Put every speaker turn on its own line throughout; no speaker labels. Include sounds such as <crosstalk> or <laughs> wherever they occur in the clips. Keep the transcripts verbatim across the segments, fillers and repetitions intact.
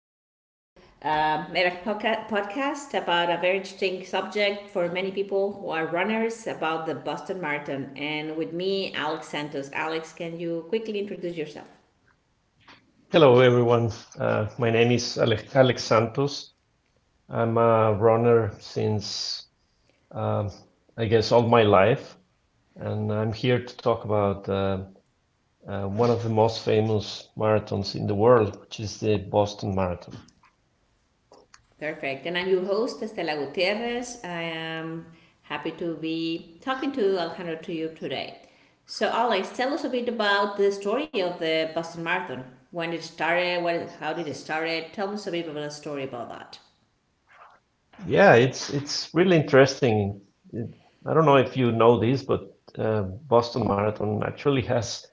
to uh, make a podca- podcast about a very interesting subject for many people who are runners about the Boston Marathon. And with me, Alex Santos. Alex, can you quickly introduce yourself?
Hello, everyone. Uh, my name is Ale- Alex Santos. I'm a runner since, um I guess, all my life, and I'm here to talk about uh, uh, one of the most famous marathons in the world, which is the Boston Marathon.
Perfect. And I'm your host, Estela Gutierrez. I am happy to be talking to Alejandro to you today. So, Alex, tell us a bit about the story of the Boston Marathon. When it started, what, how did it start? Tell us a bit about the story about that.
Yeah, it's it's really interesting. It- I don't know if you know this, but uh, Boston Marathon actually has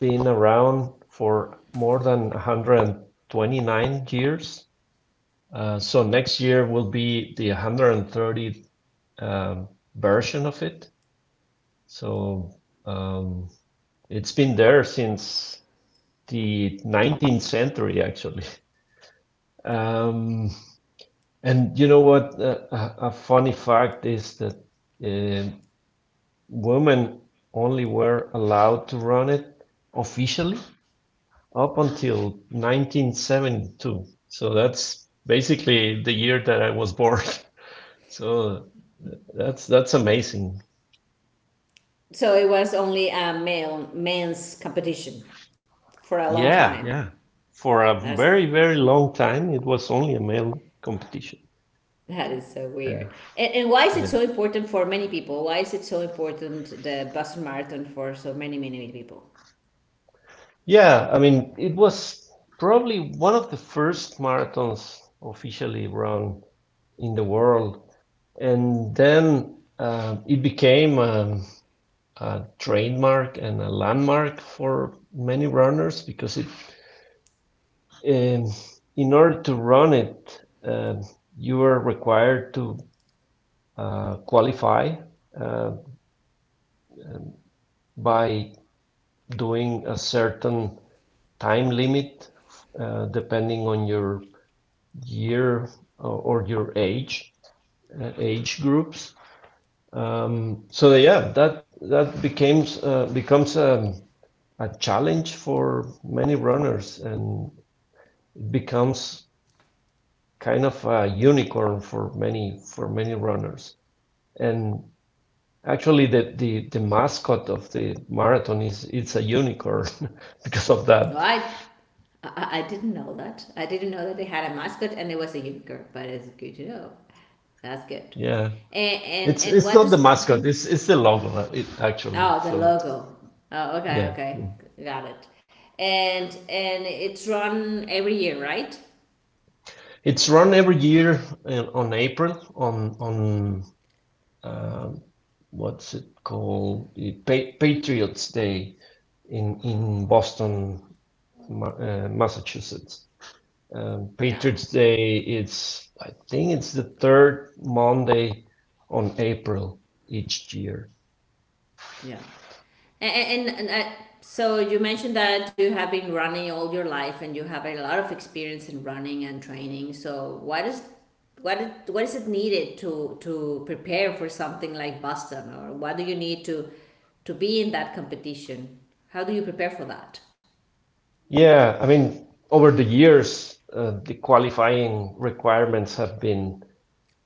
been around for more than one hundred twenty-nine years. Uh, so next year will be the one hundred thirtieth um, version of it. So um, it's been there since the nineteenth century, actually. Um, and you know what? Uh, a, a funny fact is that uh, women only were allowed to run it officially up until nineteen seventy-two. So that's basically the year that I was born. <laughs> So That's that's amazing.
So it was only a male men's competition for a long
Yeah,
time.
yeah. For a
That's,
very, very long time, it was only a male competition.
that is so
Uh,
weird. And, and why is it
yeah.
so important for many people? Why is it so important the Boston Marathon for so many many many people?
Yeah, I mean, it was probably one of the first marathons officially run in the world. And then uh, it became a, a trademark and a landmark for many runners because it, um, in order to run it, uh, you were required to uh, qualify uh, by doing a certain time limit, uh, depending on your year, or your age, uh, age groups. Um, so yeah that that becomes, uh, becomes a, a challenge for many runners, and it becomes kind of a unicorn for many for many runners. And actually, the, the, the mascot of the marathon, is it's a unicorn <laughs> because of
Well,
that.
I, I I didn't know that. I didn't know that they had a mascot and it was a unicorn. But it's good to know. That's good.
Yeah.
And and
It's
and
it's
what
not the
does
mascot, it's it's the logo, uh, it, actually.
oh, the
So
logo? Oh, okay,
yeah.
okay, got it. And and it's run every year, right?
It's run every year, in, on April, on on um what's it called? The Pa- Patriots Day in in Boston, Ma- uh, Massachusetts. Um,
Yeah.
Patriots Day, it's, I think it's the third Monday on April each year.
Yeah. And, and, and I, so you mentioned that you have been running all your life and you have a lot of experience in running and training. So what is what is- what is it needed to to prepare for something like Boston or what do you need to to be in that competition? How do you prepare for that?
Yeah, I mean, over the years, uh, the qualifying requirements have been,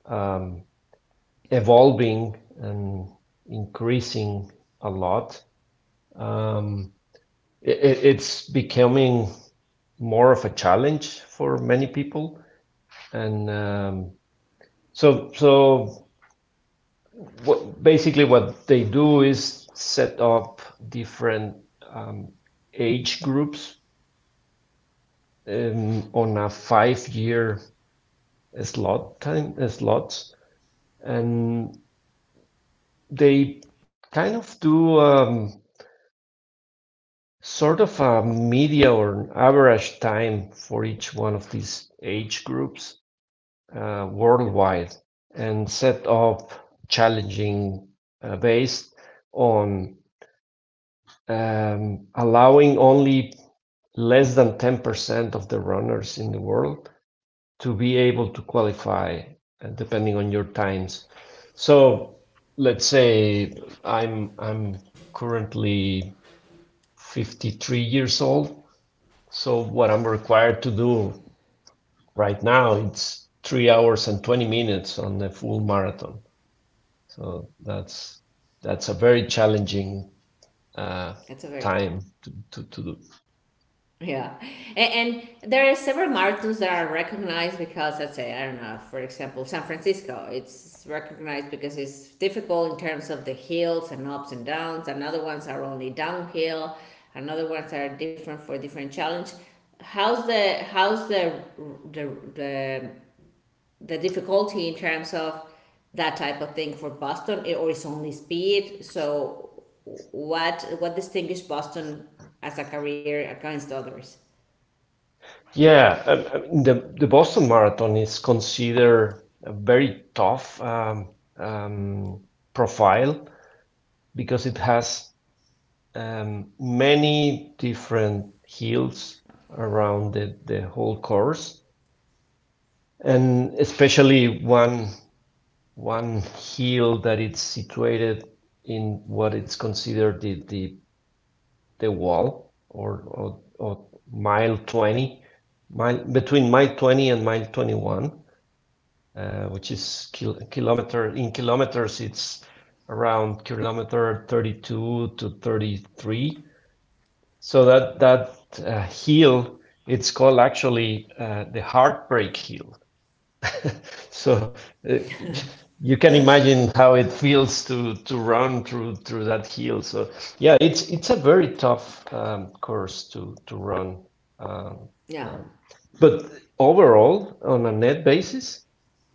um, evolving and increasing a lot. Um, it, it's becoming more of a challenge for many people. And um, so, so, what, basically what they do is set up different, um, age groups, um, on a five-year slot time, uh, slots, and they kind of do, um, sort of a media or average time for each one of these age groups, uh, worldwide, and set up challenging, uh, based on, um, allowing only less than ten percent of the runners in the world to be able to qualify, uh, depending on your times. So let's say I'm I'm currently fifty-three years old. So what I'm required to do right now it's three hours and twenty minutes on the full marathon. So that's that's a very challenging uh,
That's a very.
time to, to, to do.
Yeah, and, and there are several marathons that are recognized because let's say I don't know, for example, San Francisco. It's recognized because it's difficult in terms of the hills and ups and downs. Another ones are only downhill. Another ones are different for different challenge. How's the how's the the the, the difficulty in terms of that type of thing for Boston, It- or it's only speed? So what what distinguishes Boston as a career against others?
Yeah, um, I mean, the the Boston Marathon is considered a very tough, um, um, profile because it has, um, many different hills around the, the whole course, and especially one one hill that it's situated in what it's considered the the, the wall, or, or or mile twenty, mile between mile twenty and mile twenty-one, uh, which is kil kilometer, in kilometers, it's around kilometer thirty-two to thirty-three. So that that uh, hill, it's called, actually, uh, the heartbreak hill. <laughs> So, uh, you can imagine how it feels to to run through through that hill. So yeah, it's it's a very tough, um, course to to run. Um,
Yeah.
um, but overall, on a net basis,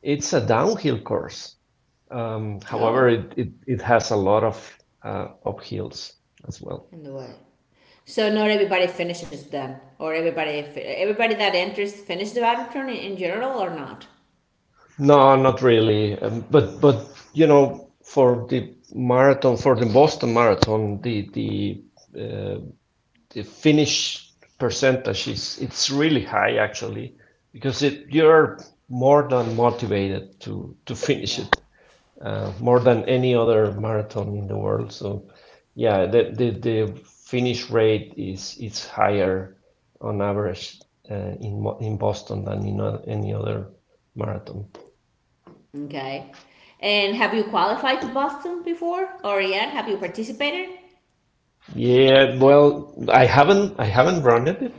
it's a downhill course. Um, however,
Oh,
it, it, it has a lot of, uh, uphills as well.
in the way. So not everybody finishes then, or everybody fi- everybody that enters finish the marathon in, in general or not.
No, not really. Um, but but you know, for the marathon, for the Boston Marathon, the the uh, the finish percentage is it's really high, actually, because it you're more than motivated to to finish
Yeah.
it. Uh, more than any other marathon in the world. So yeah, the the, the finish rate is is higher on average, uh, in Mo- in Boston than in o- any other marathon.
Okay. And have you qualified to Boston before, or yet have you participated?
Yeah, well, I haven't I haven't run it.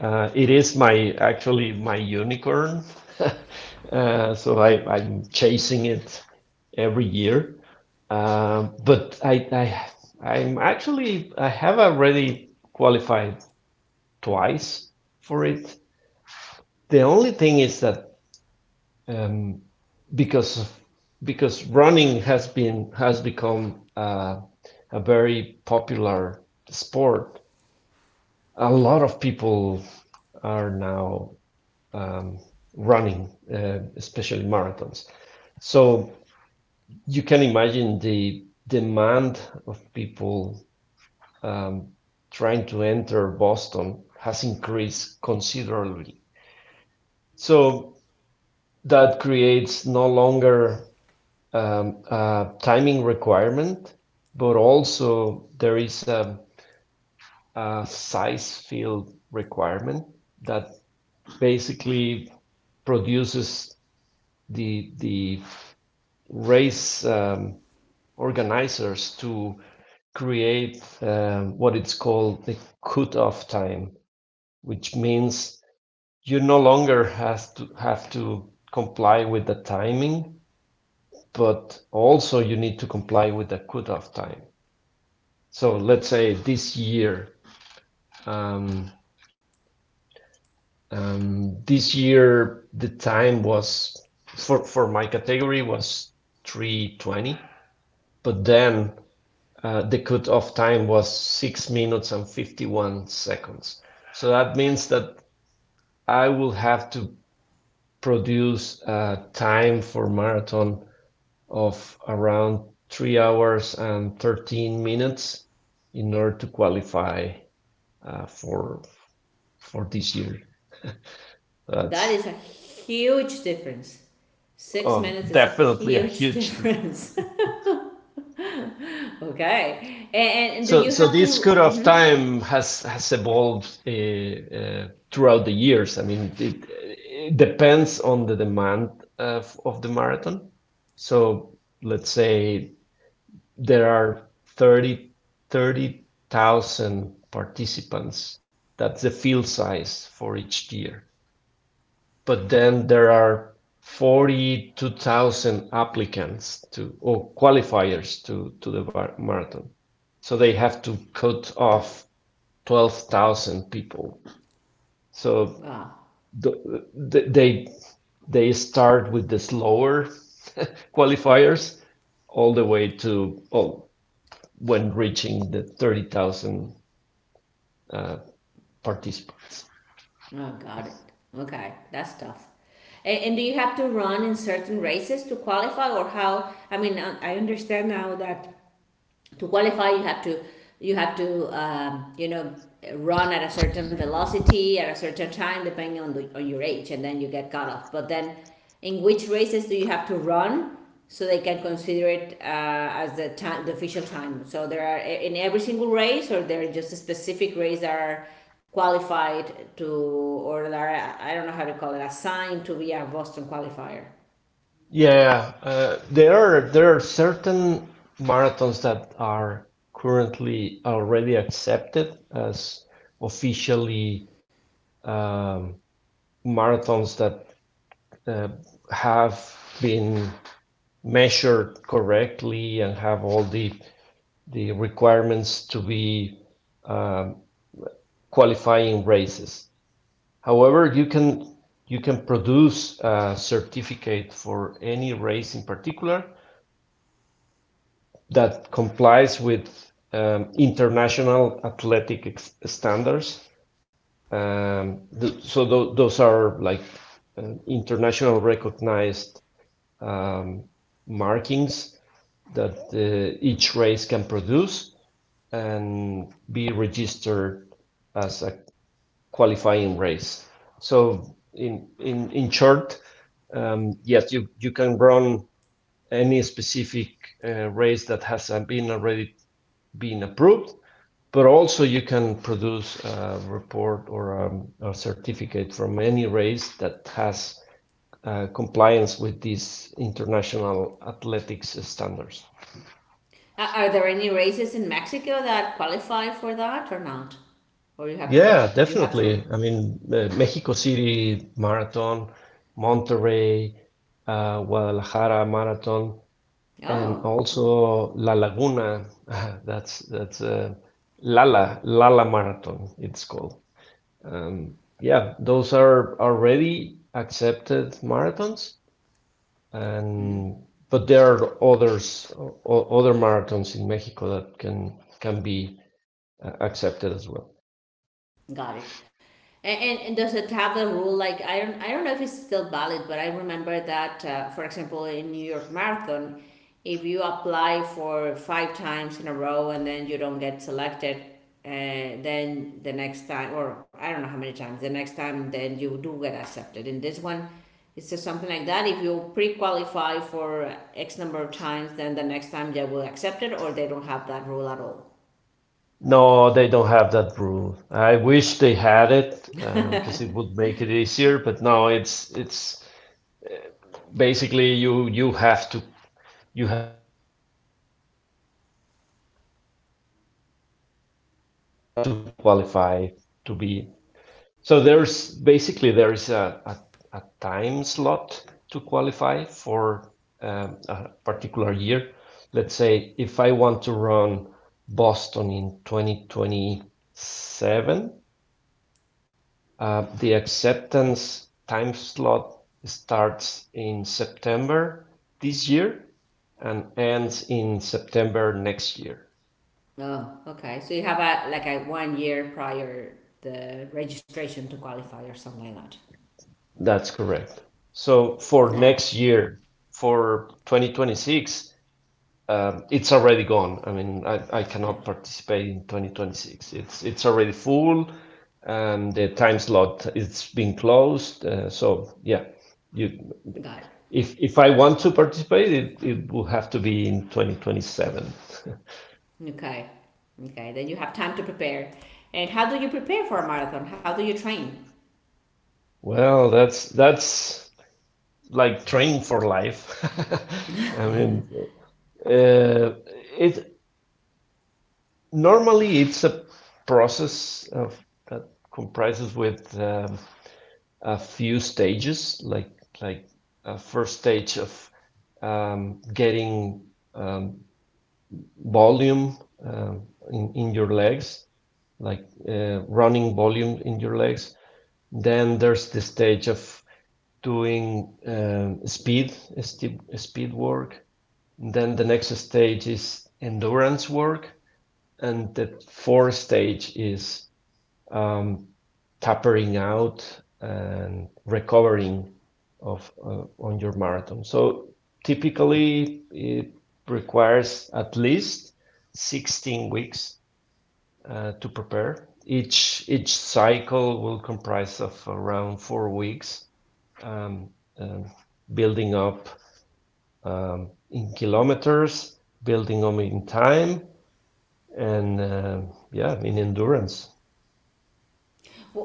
Uh, it is my actually my unicorn. <laughs> uh, so I, I'm chasing it every year. Um, but I, I I'm actually I have already qualified twice for it. The only thing is that, um, because of, because running has been has become uh, a very popular sport. A lot of people are now, um, running, uh, especially marathons. So you can imagine the demand of people, um, trying to enter Boston has increased considerably. So that creates no longer, um, a timing requirement, but also there is a, a size field requirement that basically produces the the race, um, organizers to create, um, what it's called, the cutoff time, which means you no longer has to have to comply with the timing, but also you need to comply with the cutoff time. So let's say this year, um, um, this year the time was for for my category was three twenty, but then uh, the cutoff time was six minutes and fifty-one seconds. So that means that I will have to produce, uh, time for marathon of around three hours and thirteen minutes in order to qualify, uh, for for this year.
That
That's,
is a huge difference. Six
oh,
minutes is a
definitely a
huge <laughs>
huge. dif-
difference. <laughs> Okay. And, and do
So
you
so
have
this
to?
cut of
Mhm.
time has has evolved, uh, uh, throughout the years. I mean, it, it depends on the demand of, of the marathon. So let's say there are thirty thirty thousand participants. That's the field size for each tier. But then there are forty-two thousand applicants to, or qualifiers to to the marathon. So they have to cut off twelve thousand people. So
Wow.
the, they they start with the slower qualifiers all the way to, oh when reaching the thirty thousand, uh, participants.
Oh, got it. Okay, that's tough. And, and do you have to run in certain races to qualify, or how? I mean, I I understand now that to qualify you have to you have to um, you know run at a certain velocity at a certain time depending on, the, on your age and then you get cut off but then in which races do you have to run so they can consider it uh, as the time the official time, so there are in every single race or there are just a specific race that are qualified to or that are I don't know how to call it assigned to be a Boston qualifier.
Yeah, uh, there are there are certain marathons that are currently already accepted as officially, um, marathons that, uh, have been measured correctly and have all the the requirements to be, um, qualifying races. However, you can you can produce a certificate for any race in particular that complies with, um, international athletic standards. Um, th- so th- those are like, uh, international recognized, um, markings that, uh, each race can produce and be registered as a qualifying race. So in in in short, um, yes, you you can run any specific, uh, race that has, uh, been already been approved. But also you can produce a report, or, um, a certificate from any race that has, uh, compliance with these international athletics standards.
Uh, Are there any races in Mexico that qualify for that or not? Or you have to
Yeah,
you have to
definitely. I mean, uh, Mexico City Marathon, Monterrey, uh, Guadalajara Marathon, and
Oh, oh.
also La Laguna. <laughs> That's that's uh, Lala Lala Marathon, it's called. Um, yeah, those are already accepted marathons, and but there are others, o- other marathons in Mexico that can can be, uh, accepted as well.
Got it. And, and, and does it have a rule like I don't I don't know if it's still valid, but I remember that uh, for example in New York Marathon, if you apply for five times in a row and then you don't get selected, uh, then the next time or I don't know how many times the next time then you do get accepted. In this one, it's just something like that. If you pre-qualify for X number of times, then the next time they will accept it, or they don't have that rule at all.
No, they don't have that rule. I wish they had it, uh, because it would make it easier. But no, it's it's basically you you have to you have to qualify for each, uh, year to to be accepted. So there's basically there is a, a, a time slot to qualify for, um, a particular year. Let's say if I want to run Boston in twenty twenty-seven, uh, the acceptance time slot starts in September this year and ends in September next year.
Oh, okay. So you have a like a one year prior the registration to qualify or something like that.
That's correct. So for
Yeah.
next year, for twenty twenty-six, Um, it's already gone. I mean, I, I
Yeah.
cannot participate in twenty twenty-six. It's it's already full, and the time slot it's been closed. Uh, so yeah, you
Got
if if I want to participate, it, it will have to be in twenty twenty-seven.
it. Okay. Okay. Then you have time to prepare. And how do you prepare for a marathon? How do you train?
Well, that's that's like train for life. <laughs> I mean, uh, it normally it's a process of that comprises with, um, a few stages, like like a first stage of, um, getting, um, volume, um, in, in your legs, like, uh, running volume in your legs. Then there's the stage of doing, um, speed, sti- speed work. Then the next stage is endurance work, and the fourth stage is, um, tapering out and recovering of uh, on your marathon. So typically, it requires at least sixteen weeks, uh, to prepare. Each each cycle will comprise of around four weeks, um, um, building up, um, in kilometers, building up in time, and um yeah, in endurance.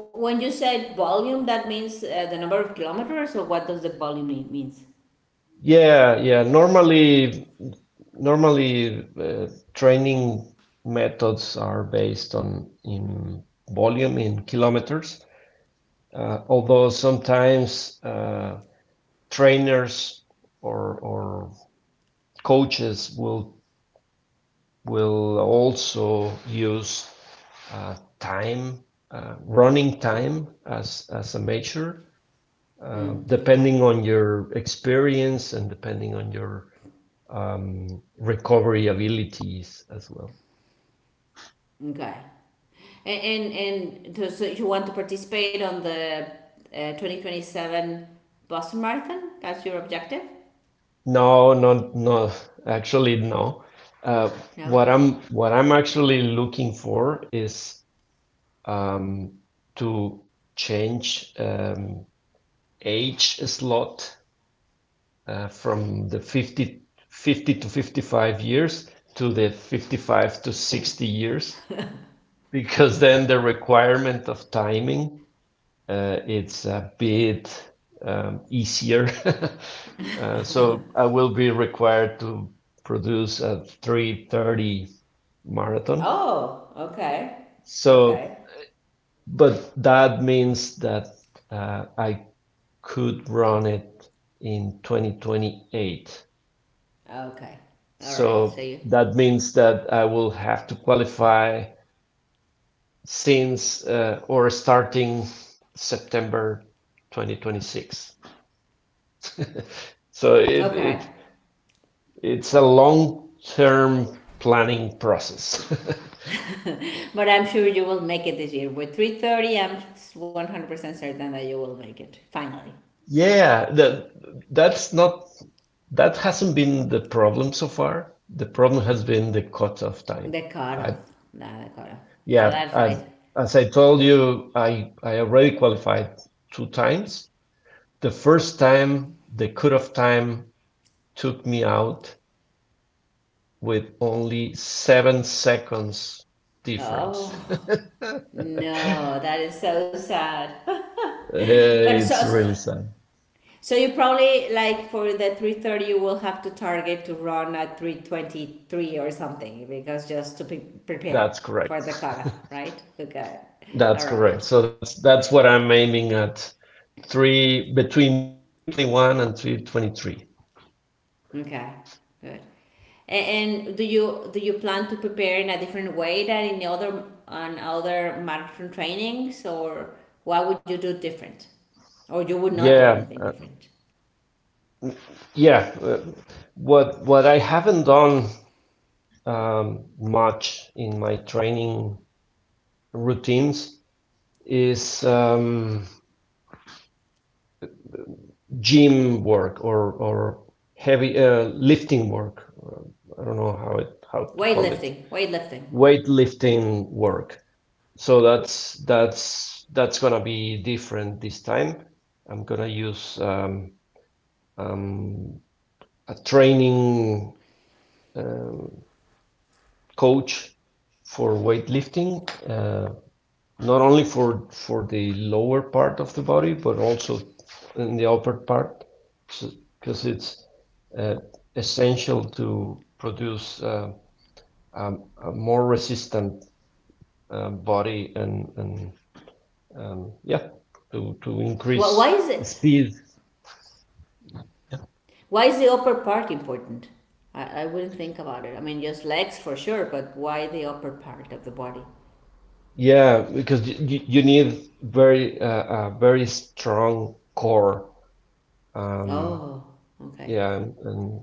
W- When you said volume, that means uh, the number of kilometers, or what does the volume mean, means?
Yeah, yeah. Normally, normally uh, training methods are based on in volume in kilometers. Uh, although sometimes, uh, trainers or or coaches will will also use, uh, time, uh, running time as as a measure, uh,
Hmm. Okay.
depending on your experience and depending on your, um, recovery abilities as well.
Okay. And and, and to, so you want to participate on the uh, twenty twenty-seven Boston Marathon? That's your objective?
No, no, no. Actually, no. Uh,
No.
what I'm what I'm actually looking for is, um, to change, um, age slot, uh, from the fifty fifty to fifty-five years to the fifty-five to sixty years, because then the requirement of timing, uh, it's a bit, um, easier. <laughs> uh, So I will be required to produce a three thirty marathon.
Oh, okay.
So,
Okay.
but that means that, uh, I could run it in twenty twenty-eight.
Okay. All right. So
So
you
that means that I will have to qualify since, uh, or starting, September twenty twenty-six. So it
Okay,
it it's a long-term planning process. <laughs>
but I'm sure you will make it this year. With three thirty, I'm one hundred percent certain that you will make it. Finally,
Yeah, the, that's not that hasn't been the problem so far. The problem has been the cutoff time.
the
I
cutoff. Nah, the cutoff. Yeah,
yeah,
that's
I
right.
as I told you, I I already qualified two times. The first time, the cutoff time took me out with only seven seconds
Oh
difference.
no,
<laughs>
that is so sad. But so.
it's
so
really sad.
so you probably, like, for the three thirty you will have to target to run at three twenty-three or something because just to be prepared
That's
for
correct.
the cutoff, right? Okay.
<laughs> That's
All
correct.
right.
So that's that's what I'm aiming at. Three, between three twenty-one and three twenty-three.
Okay, good. A- And do you do you plan to prepare in a different way than in the other on other marathon trainings, or what would you do different, or you would not do
Yeah,
anything
uh,
different?
yeah. Uh, what what I haven't done um, much in my training routines is um, gym work or or heavy uh, lifting work. Uh, I don't know how it how to call it.
Weightlifting, weightlifting.
Weightlifting work. So that's that's that's gonna be different this time. I'm gonna use um, um, a training um coach for weightlifting, uh, not only for for the lower part of the body, but also in the upper part, because so, it's uh, essential to produce uh, a, a more resistant uh, body, and, and um, yeah to, to
Why, why
increase
is it?
the speed,
Why is the upper part important? I, I wouldn't think about it. I mean, just legs for sure, but why the upper part of the body?
yeah, because you, you need very uh, a very strong core. Um,
Oh, okay.
yeah and, and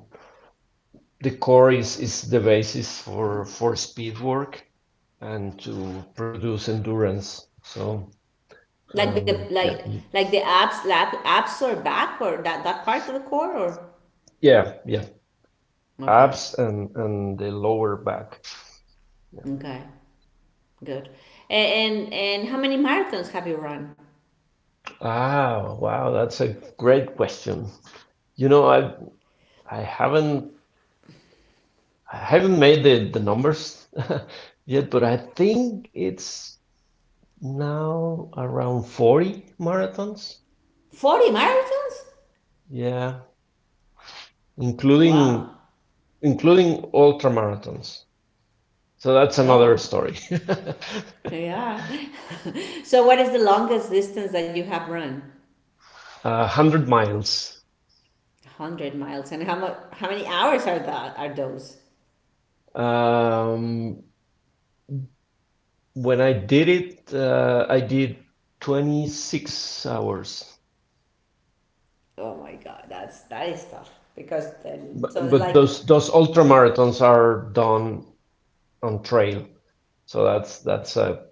the core is, is the basis for for speed work and to produce endurance. so
Like the
um, yeah
like like the abs, lap, abs or back or that that part of the core or
yeah yeah
okay,
abs and and the lower back.
okay. Good. And, and and how many marathons have you run?
Ah, wow, that's a great question. You know i i haven't I haven't made the, the numbers <laughs> yet, but I think it's now around forty marathons.
Forty marathons?
Yeah,
Wow.
including, including ultra marathons. So that's another
Oh,
story. <laughs>
yeah. <laughs> So what is the longest distance that you have run?
A hundred miles.
One hundred miles. And how much? How many hours are that? Are those?
Um, when I did it, uh, I did twenty-six hours.
Oh my God, that's that is tough because then so
But,
it's
but
like
those those ultra marathons are done on trail, so that's that's a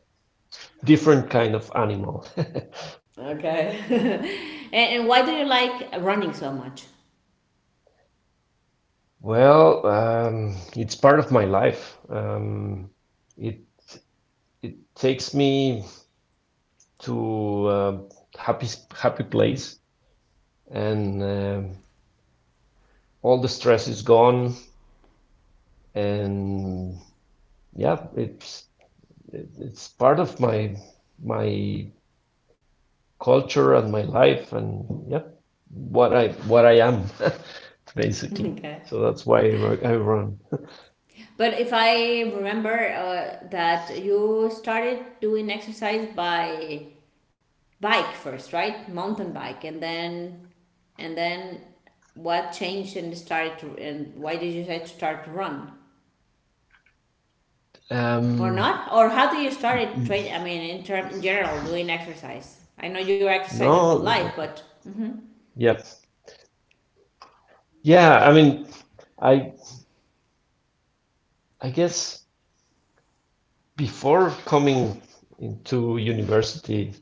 different kind of animal.
okay. <laughs> and, and why do you like running so much? <laughs>
<laughs> well, um, it's part of my life. Um, it it takes me to a happy happy place, and um all the stress is gone. And yeah, it's it, it's part of my my culture and my life, and yeah, what I what I am, <laughs> basically.
Okay.
So that's why I ru- I run.
But if I remember uh, that you started doing exercise by bike first, right? Mountain bike, and then and then what changed and started to, and why did you decide to start to run or
Um,
not? Or how do you started train? I mean, in term in general, doing exercise. I know you exercise your whole life,
no,
but mm-hmm.
Yes. Yeah, I mean, I I guess before coming into university,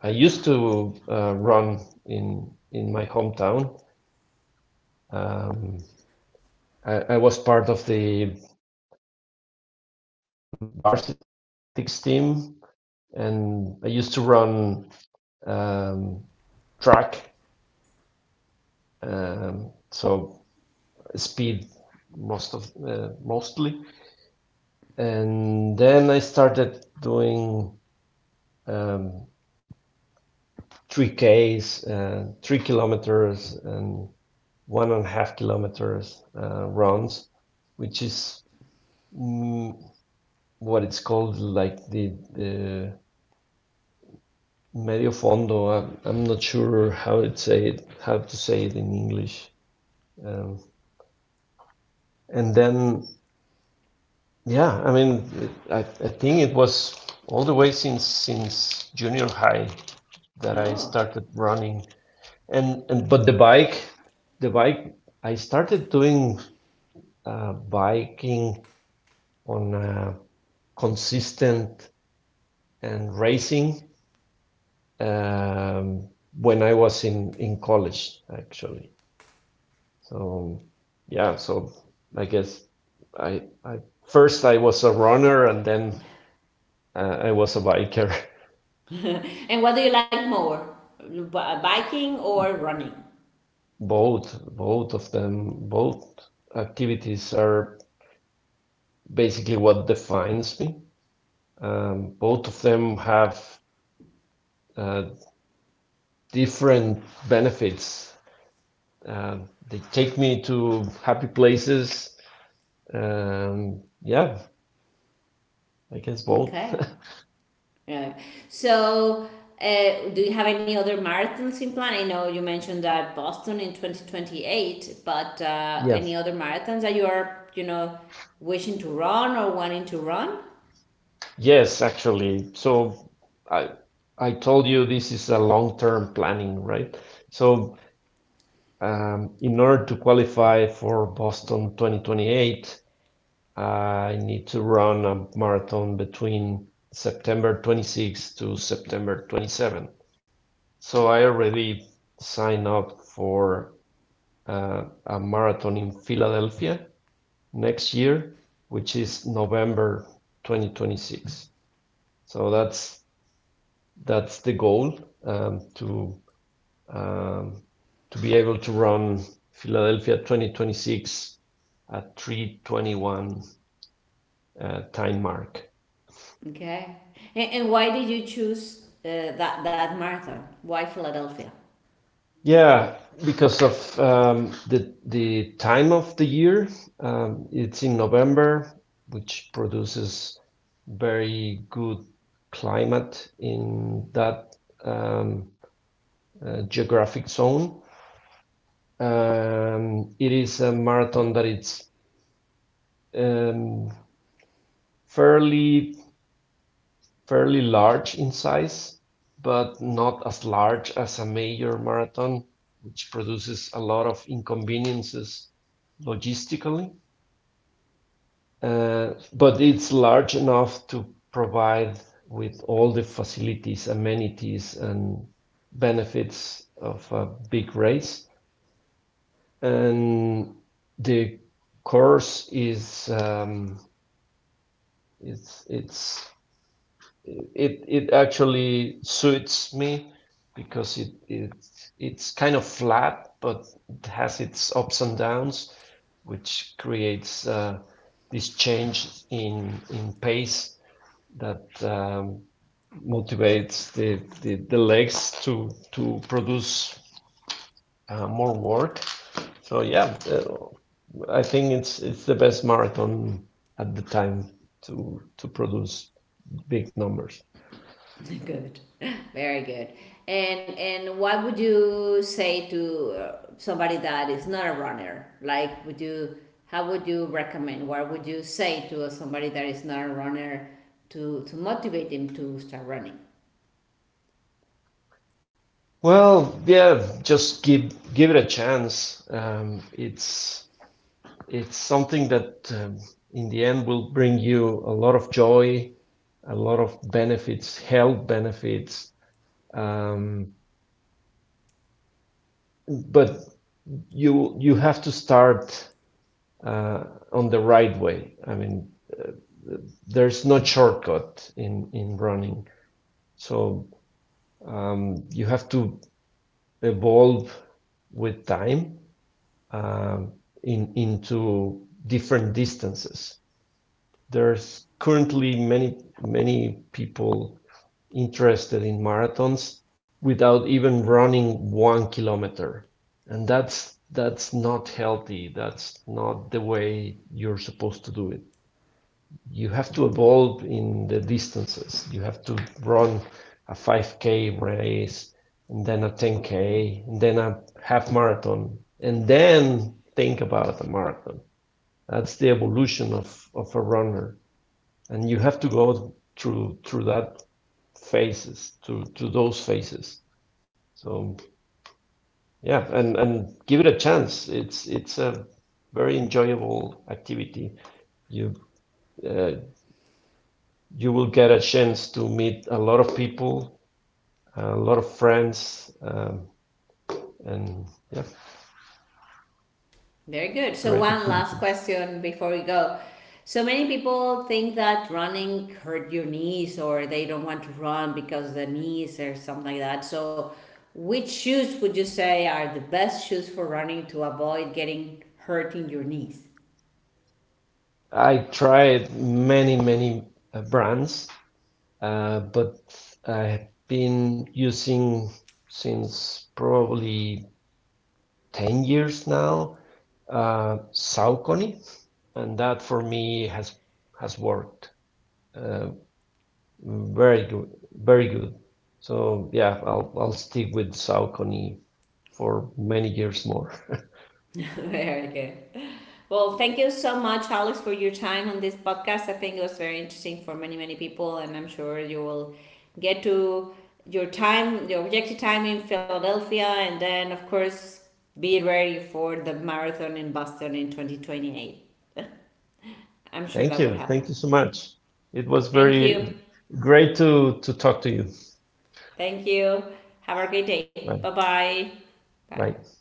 I used to uh, run in in my hometown. Um, I, I was part of the um, varsity athletics team, and I used to run um, track, um, so speed most of uh, mostly. And then I started doing um, three Ks, uh, three kilometers, and one and a half kilometers uh, runs, which is mm, what it's called, like the, the medio fondo. I'm, I'm not sure how it say it, how to say it in English. Um, and then, yeah, I mean, I, I think it was all the way since since junior high that I
Oh,
started running. And and but the bike, the bike, I started doing uh, biking on a consistent and racing, um, when I was in in college actually. So yeah, so I guess I I first I was a runner and then uh, I was a biker. <laughs>
and what do you like more, B- biking or running?
Both both of them both activities are basically what defines me. Um, both of them have uh, different benefits. Uh, they take me to happy places. Um, yeah, I guess both.
Okay.
<laughs>
Right. So, uh, do you have any other marathons in plan? I know you mentioned that Boston in twenty twenty-eight, but uh,
Yeah.
any other marathons that you are you know, wishing to run or wanting to run?
Yes, actually. So I I told you this is a long-term planning, right? So um, in order to qualify for Boston twenty twenty-eight, I need to run a marathon between september twenty-six to september twenty-seven. So I already signed up for uh, a marathon in Philadelphia next year, which is November twenty twenty-six. So that's that's the goal, um, to um, to be able to run Philadelphia twenty twenty-six at three twenty-one uh, time mark.
Okay. And, and why did you choose uh, that that marathon? Why Philadelphia?
Yeah, because of um, the the time of the year, um, it's in November, which produces very good climate in that um, uh, geographic zone. Um, it is a marathon that it's um, fairly fairly large in size, but not as large as a major marathon, which produces a lot of inconveniences logistically. Uh, but it's large enough to provide with all the facilities, amenities, and benefits of a big race. And the course is, um, it's it's it it actually suits me because it it it's kind of flat, but it has its ups and downs, which creates uh, this change in in pace that um, motivates the, the the legs to to produce uh, more work. So yeah, uh, I think it's it's the best marathon at the time to to produce big numbers.
<laughs> Good, very good. And and what would you say to uh, somebody that is not a runner? Like, would you how would you recommend? What would you say to somebody that is not a runner to to motivate them to start running?
Well, yeah, just give give it a chance. Um, it's it's something that, um, in the end, will bring you a lot of joy, a lot of benefits, health benefits. Um, but you you have to start uh, on the right way. I mean, there's no shortcut in in running, so um, you have to evolve with time, um, in, into different distances. There's currently many, many people interested in marathons without even running one kilometer. And that's, that's not healthy. That's not the way you're supposed to do it. You have to evolve in the distances. You have to run a five K race, and then a ten K, and then a half marathon, and then think about a marathon. That's the evolution of, of a runner. And you have to go through through that phases, through through those phases. So yeah, and, and give it a chance. It's it's a very enjoyable activity. You, uh, you will get a chance to meet a lot of people, a lot of friends, um, and yeah,
Very good. So,
great
one last
activities.
question before we go. So many people think that running hurt your knees or they don't want to run because the knees or something like that. So, which shoes would you say are the best shoes for running to avoid getting hurt in your knees?
I tried many, many uh, brands, uh, but I've been using since probably ten years now uh, Saucony, and that for me has has worked uh, very good, very good. So yeah, I'll I'll stick with Saucony for many years more.
<laughs> Very good. Well, thank you so much, Alex, for your time on this podcast. I think it was very interesting for many, many people, and I'm sure you will get to your time, your objective time in Philadelphia, and then, of course, be ready for the marathon in Boston in twenty twenty-eight. <laughs> I'm
<laughs>
sure
Thank
that would
you. Thank
happen.
you so much. It was
Thank
very
you.
great to, to talk to you.
Thank you. Have a great day.
Bye.
Bye-bye. Bye.
Bye.